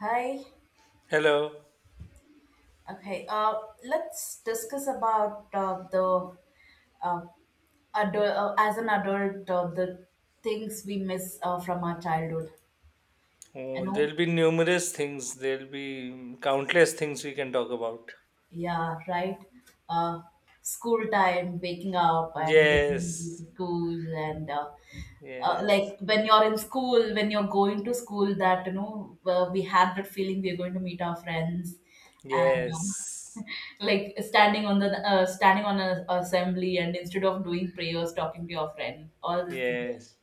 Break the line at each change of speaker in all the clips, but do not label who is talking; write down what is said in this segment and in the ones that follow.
Hi.
Hello.
Okay. Let's discuss about uh, as an adult, the things we miss from our childhood. You
Oh,
know,
there'll be numerous things. There'll be countless things we can talk about.
yeah, right. Uh, School time, waking up and going
Yes.
to school, and
Yes.
like when you're in school, when you're going to school, that we had that feeling we're going to meet our friends, and
Yes.
like standing on the standing on a assembly, and instead of doing prayers, talking to your friend, all these things.
Yes.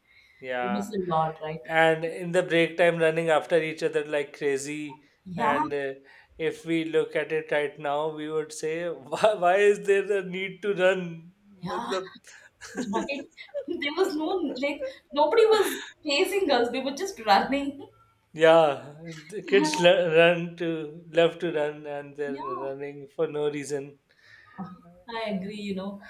We miss
Yeah.
a lot, right?
And in the break time, running after each other like crazy.
Yeah,
And if we look at it right now, we would say, why is there a need to run?
yeah,
मतलब
right. There was no like nobody was chasing us. We were just running.
Yeah, the
Yeah,
kids le- run to love to run, and they're
yeah,
running for no reason.
I agree, you know.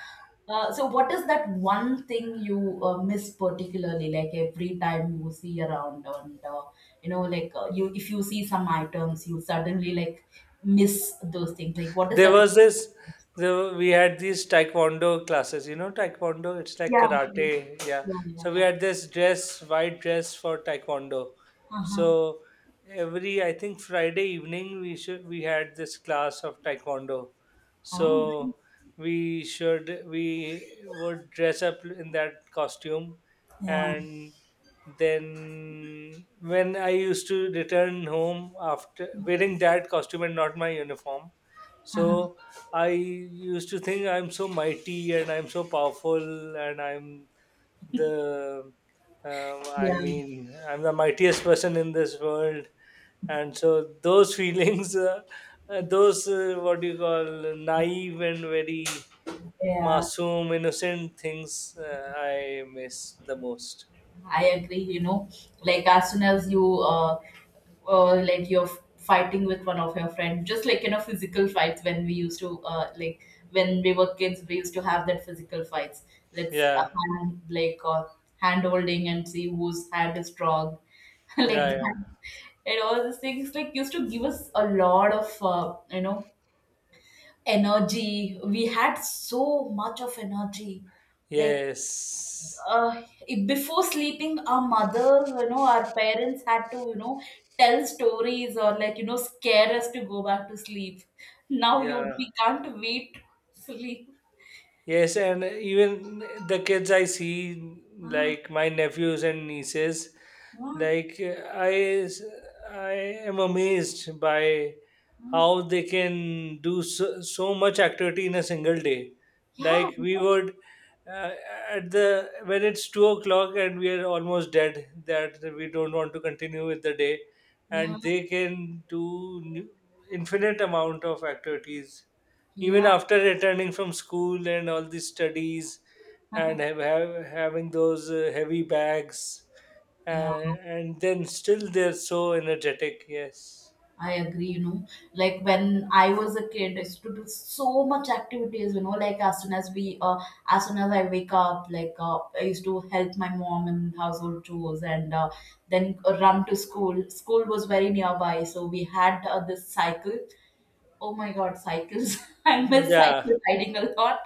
So what is that one thing you miss particularly, like every time you see around and you know, like you if you see some items, you suddenly like miss those things. Like what is
There
that?
was we had these taekwondo classes. Taekwondo, it's like
Yeah,
karate. Yeah.
yeah, yeah,
So we
yeah.
had this dress white dress for taekwondo.
Uh-huh.
So every, I think, Friday evening, we had this class of taekwondo.
Oh, nice.
So we would dress up in that costume.
Yeah.
And then when I used to return home after wearing that costume and not my uniform,
Uh-huh.
so I used to think I'm so mighty and I'm so powerful, and I'm the, I
Yeah,
mean, I'm the mightiest person in this world. And so those feelings, those what do you call naive and very
yeah.
masoom, innocent things, I miss the most.
I agree, like as soon as you like you're fighting with one of your friends, just like physical fights when we used to when we were kids, we used to have that physical fights. Let's
Yeah,
hand like uh, hand holding and see whose hand is strong, like
yeah, yeah.
that. And all these things like used to give us a lot of energy. We had so much of energy, like
Yes.
before sleeping our mothers, our parents had to, tell stories or like, scare us to go back to sleep. Now you
Yeah.
we can't wait to sleep.
Yes, and even the kids I see,
Ah,
like my nephews and nieces,
ah,
like I am amazed by
ah.
how they can do so, so much activity in a single day.
Yeah,
Like we
what?
would uh, at the when it's 2 o'clock and we are almost dead, that we don't want to continue with the day,
Yeah,
and they can do infinite amount of activities even
yeah,
after returning from school and all these studies, and have having those heavy bags,
yeah.
and, and then still they're so energetic. Yes.
I agree, Like when I was a kid, I used to do so much activities, you know, like as soon as I wake up, like I used to help my mom in household chores and then run to school. School was very nearby, so we had this cycle. Oh my god, cycles. I miss
Yeah,
cycle riding a lot.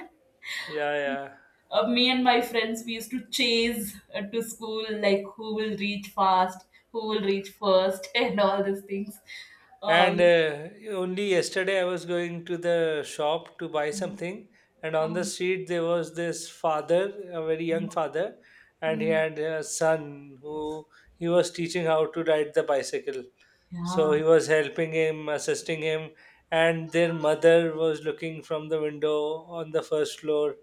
yeah, yeah.
Me and my friends, we used to chase to school, like who will reach fast, who will reach first, and all these things.
And
Um,
only yesterday I was going to the shop to buy something, and on the
Um,
street there was this father, a very young father, and he
mm.
had a son who he was teaching how to ride the bicycle. So
Yeah,
he was helping him, assisting him, and their mother was looking from the window on the first floor.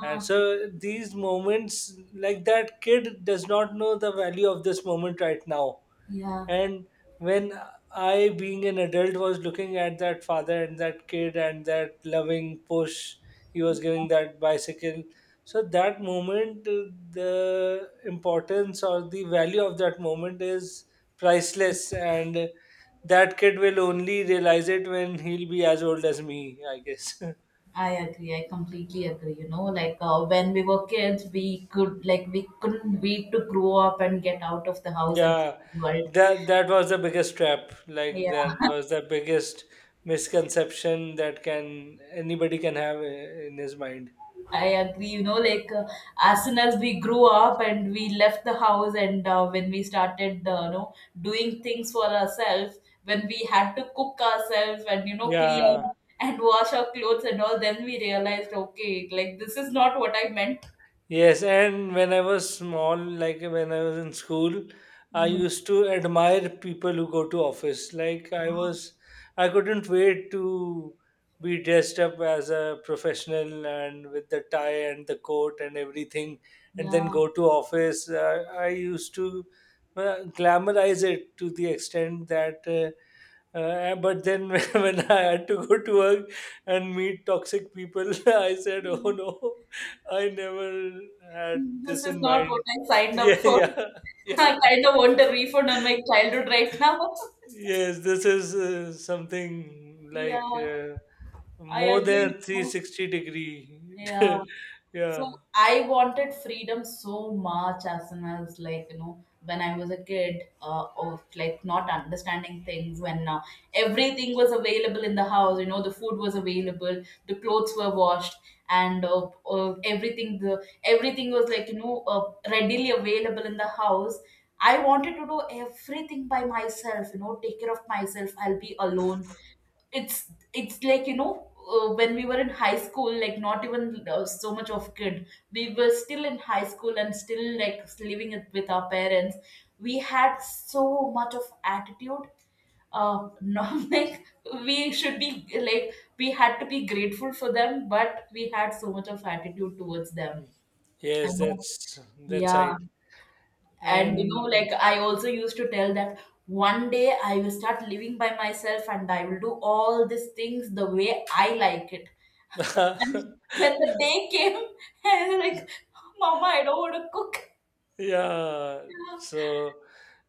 And so these moments, like that kid does not know the value of this moment right now.
yeah.
And when I, being an adult, was looking at that father and that kid and that loving push he was giving that bicycle, so that moment, the importance or the value of that moment is priceless. And that kid will only realize it when he'll be as old as me, I guess.
I agree. I completely agree. Like when we were kids, we couldn't wait to grow up and get out of the house and see
Yeah,
the world.
that was the biggest trap. Like
Yeah,
that was the biggest misconception that can anybody can have in his mind.
I agree. Like as soon as we grew up and we left the house, and when we started, doing things for ourselves, when we had to cook ourselves and, clean
Yeah.
and wash our clothes and all, then we realized, okay, like this is not what I meant.
Yes, and when I was small, like when I was in school, I
Yeah.
used to admire people who go to office. Like I couldn't wait to be dressed up as a professional and with the tie and the coat and everything, and then
Yeah.
go to office. I used to glamorize it to the extent that. But then when I had to go to work and meet toxic people, I said, "Oh no, I never had
This
this
is
in
not what
mind."
I signed up
Yeah,
for.
yeah, yeah.
I kind of want a refund on my childhood right now.
Yes, this is something
Yeah,
like
I
more
agree. With
than
know.
360 degree.
Yeah. So
Yeah.
I wanted freedom so much as soon as like, when I was a kid, of like not understanding things, when everything was available in the house. The food was available, the clothes were washed, and everything was like, readily available in the house. I wanted to do everything by myself, take care of myself, I'll be alone. It's like when we were in high school, like not even so much of kid, we were still in high school and still like living it with our parents. We had so much of attitude, not like we should be like we had to be grateful for them, but we had so much of attitude towards them. I
Yes,
know,
that's
yeah.
right.
And
And
like I also used to tell that one day I will start living by myself and I will do all these things the way I like it. And when the day came, I was like, "Mama, I don't want to cook."
yeah,
Yeah.
so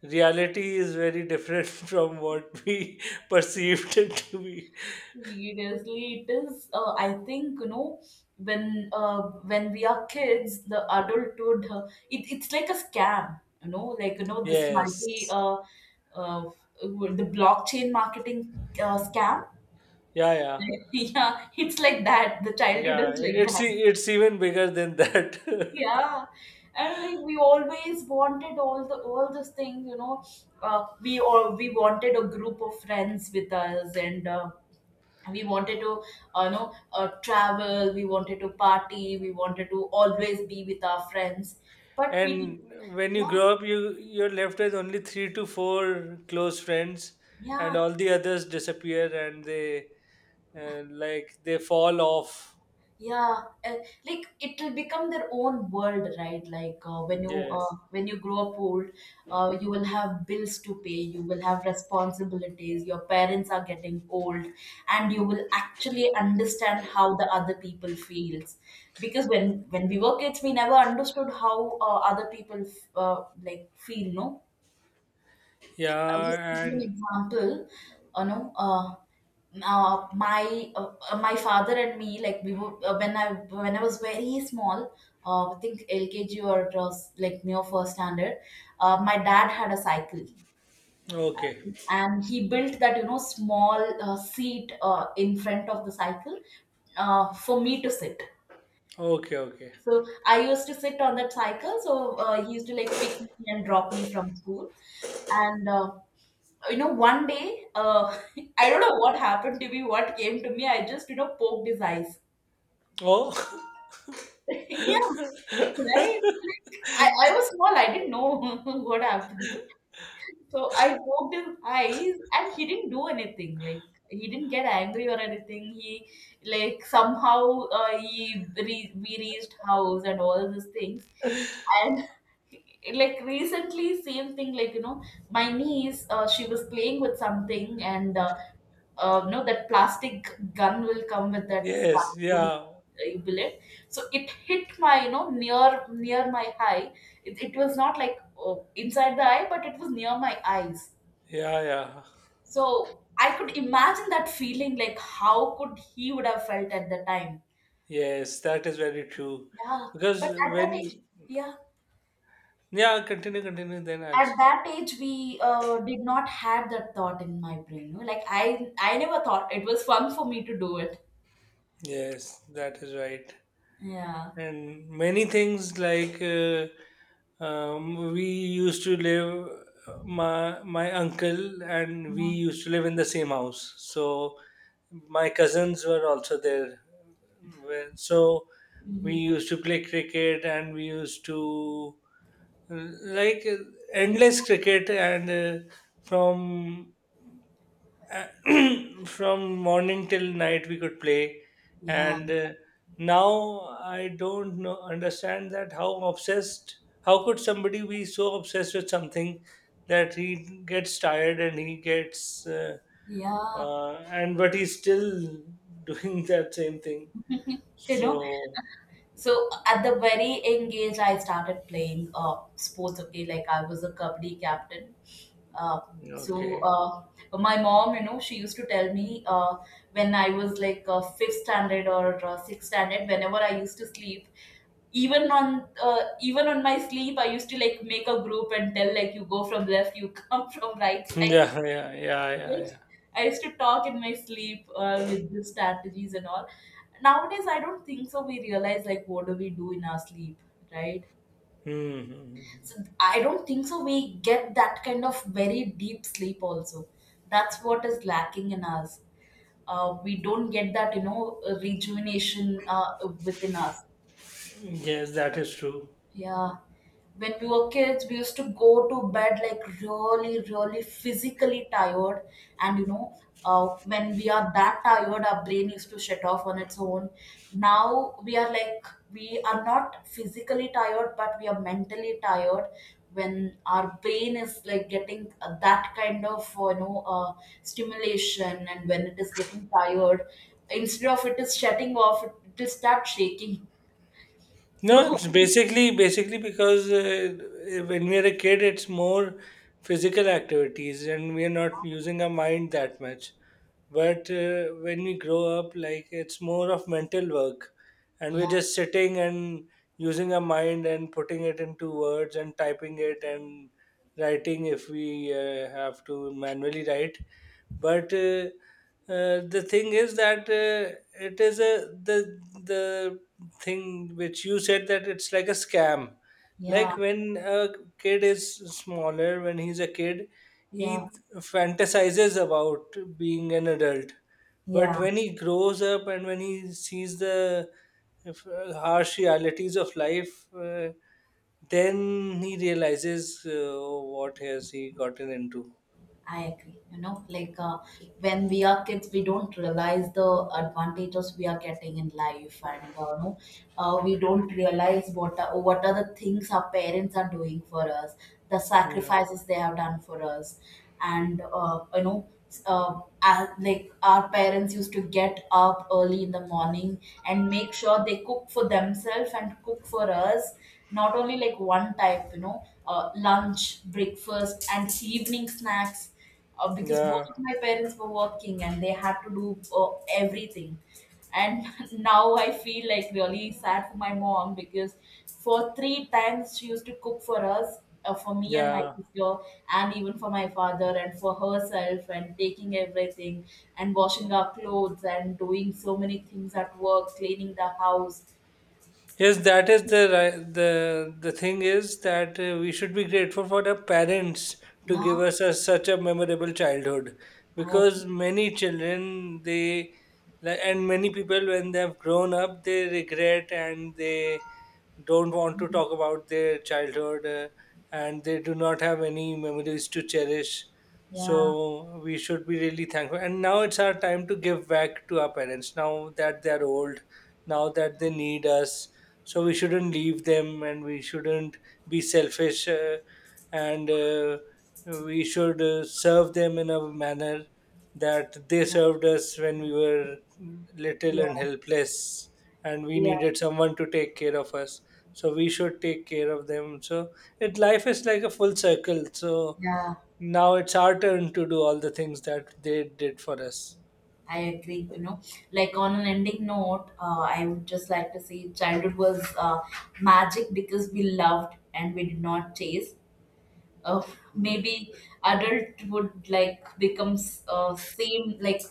reality is very different from what we perceived it to be.
Seriously, it is. I think when uh, when we are kids, the adulthood, it's like a scam. You know, like you know this multi
Yes.
uh, the blockchain marketing scam.
Yeah, yeah.
Yeah, it's like that. The childhood
Yeah,
is like
it's
that.
it's even bigger than that.
Yeah, and like we always wanted all those things, you know. We wanted a group of friends with us, and we wanted to, uh, you know, travel. We wanted to party. We wanted to always be with our friends, but we did.
And when you
Yeah,
grow up, you're left with only three to four close friends, and
yeah.
all the others disappear, and they like they fall off.
Yeah, and like it will become their own world, right? Like
Yes.
when you grow up old, you will have bills to pay, you will have responsibilities, your parents are getting old, and you will actually understand how the other people feels, because when we were kids, we never understood how like feel, no. I'll just give
Yeah,
you an
and
example. You know, uh, my father and me, like we were when I was very small, I think LKG or it was like near first standard. My dad had a cycle,
okay,
and he built that, small seat in front of the cycle for me to sit.
okay, okay.
So I used to sit on that cycle. So he used to like pick me and drop me from school, and one day, I don't know what happened to me, what came to me, I just, poked his eyes.
Oh,
Yeah, right. Like, I was small, I didn't know what happened. So I poked his eyes and he didn't do anything. Like he didn't get angry or anything. He like Somehow, we reached house and all these things. And like recently, same thing. My niece, she was playing with something and, no, that plastic gun will come with that
yes,
vacuum,
yeah,
bullet. So it hit near my eye, it was not like inside the eye, but it was near my eyes.
yeah, yeah.
So I could imagine that feeling, like how could he would have felt at the time.
Yes, that is very true.
Yeah, but
Because when,
yeah,
yeah, continue, continue. Then I'll.
at that age, we did not have that thought in my brain. Like I never thought it was fun for me to do it.
Yes, that is right.
Yeah.
And many things, like, we used to live my uncle and we
Yeah.
used to live in the same house, so my cousins were also there. Well, so we
Mhm.
used to play cricket, and we used to uh, like endless cricket, and from uh, from morning till night we could play.
Yeah.
And now I don't know understand that how could somebody be so obsessed with something that he gets tired and he gets,
Yeah.
uh, and but he's still doing that same thing.
You know,
So
so at the very young age, I started playing sports. Okay, like I was a kabaddi captain. Uh, so
okay.
uh, my mom, you know, she used to tell me when I was like fifth standard or sixth standard, whenever I used to sleep, even on my sleep, I used to like make a group and tell like, "You go from left, you come from right side."
Yeah, yeah, yeah, yeah, yeah.
Like, I used to talk in my sleep with the strategies and all. Nowadays, I don't think so. We realize like what do we do in our sleep, right?
Hmm, hmm, hmm.
So I don't think so. We get that kind of very deep sleep also. That's what is lacking in us. We don't get that, you know, rejuvenation within us.
Hmm. Yes, that is true.
Yeah. When we were kids, we used to go to bed like really, really physically tired. And when we are that tired, our brain used to shut off on its own. Now we are like, we are not physically tired, but we are mentally tired, when our brain is like getting that kind of, stimulation. And when it is getting tired, instead of it is shutting off, it will start shaking.
No,
So,
it's basically because when we are a kid, it's more physical activities, and we are not using our mind that much. But when we grow up, like it's more of mental work, and
yeah,
we're just sitting and using our mind and putting it into words and typing it and writing if we have to manually write. But the thing is that it is a the the thing which you said that it's like a scam.
yeah.
Like when a kid is smaller, when he's a kid,
Yeah,
he fantasizes about being an adult. But
yeah,
when he grows up and when he sees the harsh realities of life, then he realizes what has he gotten into.
I agree. Like when we are kids, we don't realize the advantages we are getting in life, and no, we don't realize what are the things our parents are doing for us, the
Yeah.
sacrifices they have done for us, and like our parents used to get up early in the morning and make sure they cook for themselves and cook for us, not only like one type, lunch, breakfast and evening snacks, because both
Yeah,
of my parents were working and they had to do everything. And now I feel like really sad for my mom, because for three times she used to cook for us, for me and my
yeah.
sister and even for my father and for herself, and taking everything and washing our clothes and doing so many things at work, cleaning the house.
Yes, that is the thing is that we should be grateful for the parents to give
Yeah,
us such a memorable childhood,
I agree.
because many children they like, and many people when they have grown up they regret and they don't want to talk about their childhood, and they do not have any memories to cherish.
Yeah,
So we should be really thankful. And now it's our time to give back to our parents now that they are old, now that they need us. So we shouldn't leave them and we shouldn't be selfish, and we should serve them in a manner that they
yeah,
served us when we were little
yeah,
and helpless and we
yeah,
needed someone to take care of us, so we should take care of them. So it life is like a full circle. So
yeah.
now it's our turn to do all the things that they did for us.
I agree. Like on an ending note, I would just like to say childhood was magic because we loved and we did not chase. Uh,
Yeah.
Maybe adult would like becomes same like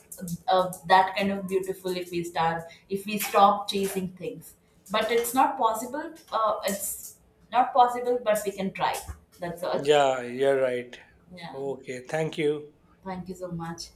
that kind of beautiful if we stop chasing things. But it's not possible. It's not possible, but we can try. That's all.
Yeah, you're right.
Yeah.
Okay, thank you.
Thank you so much.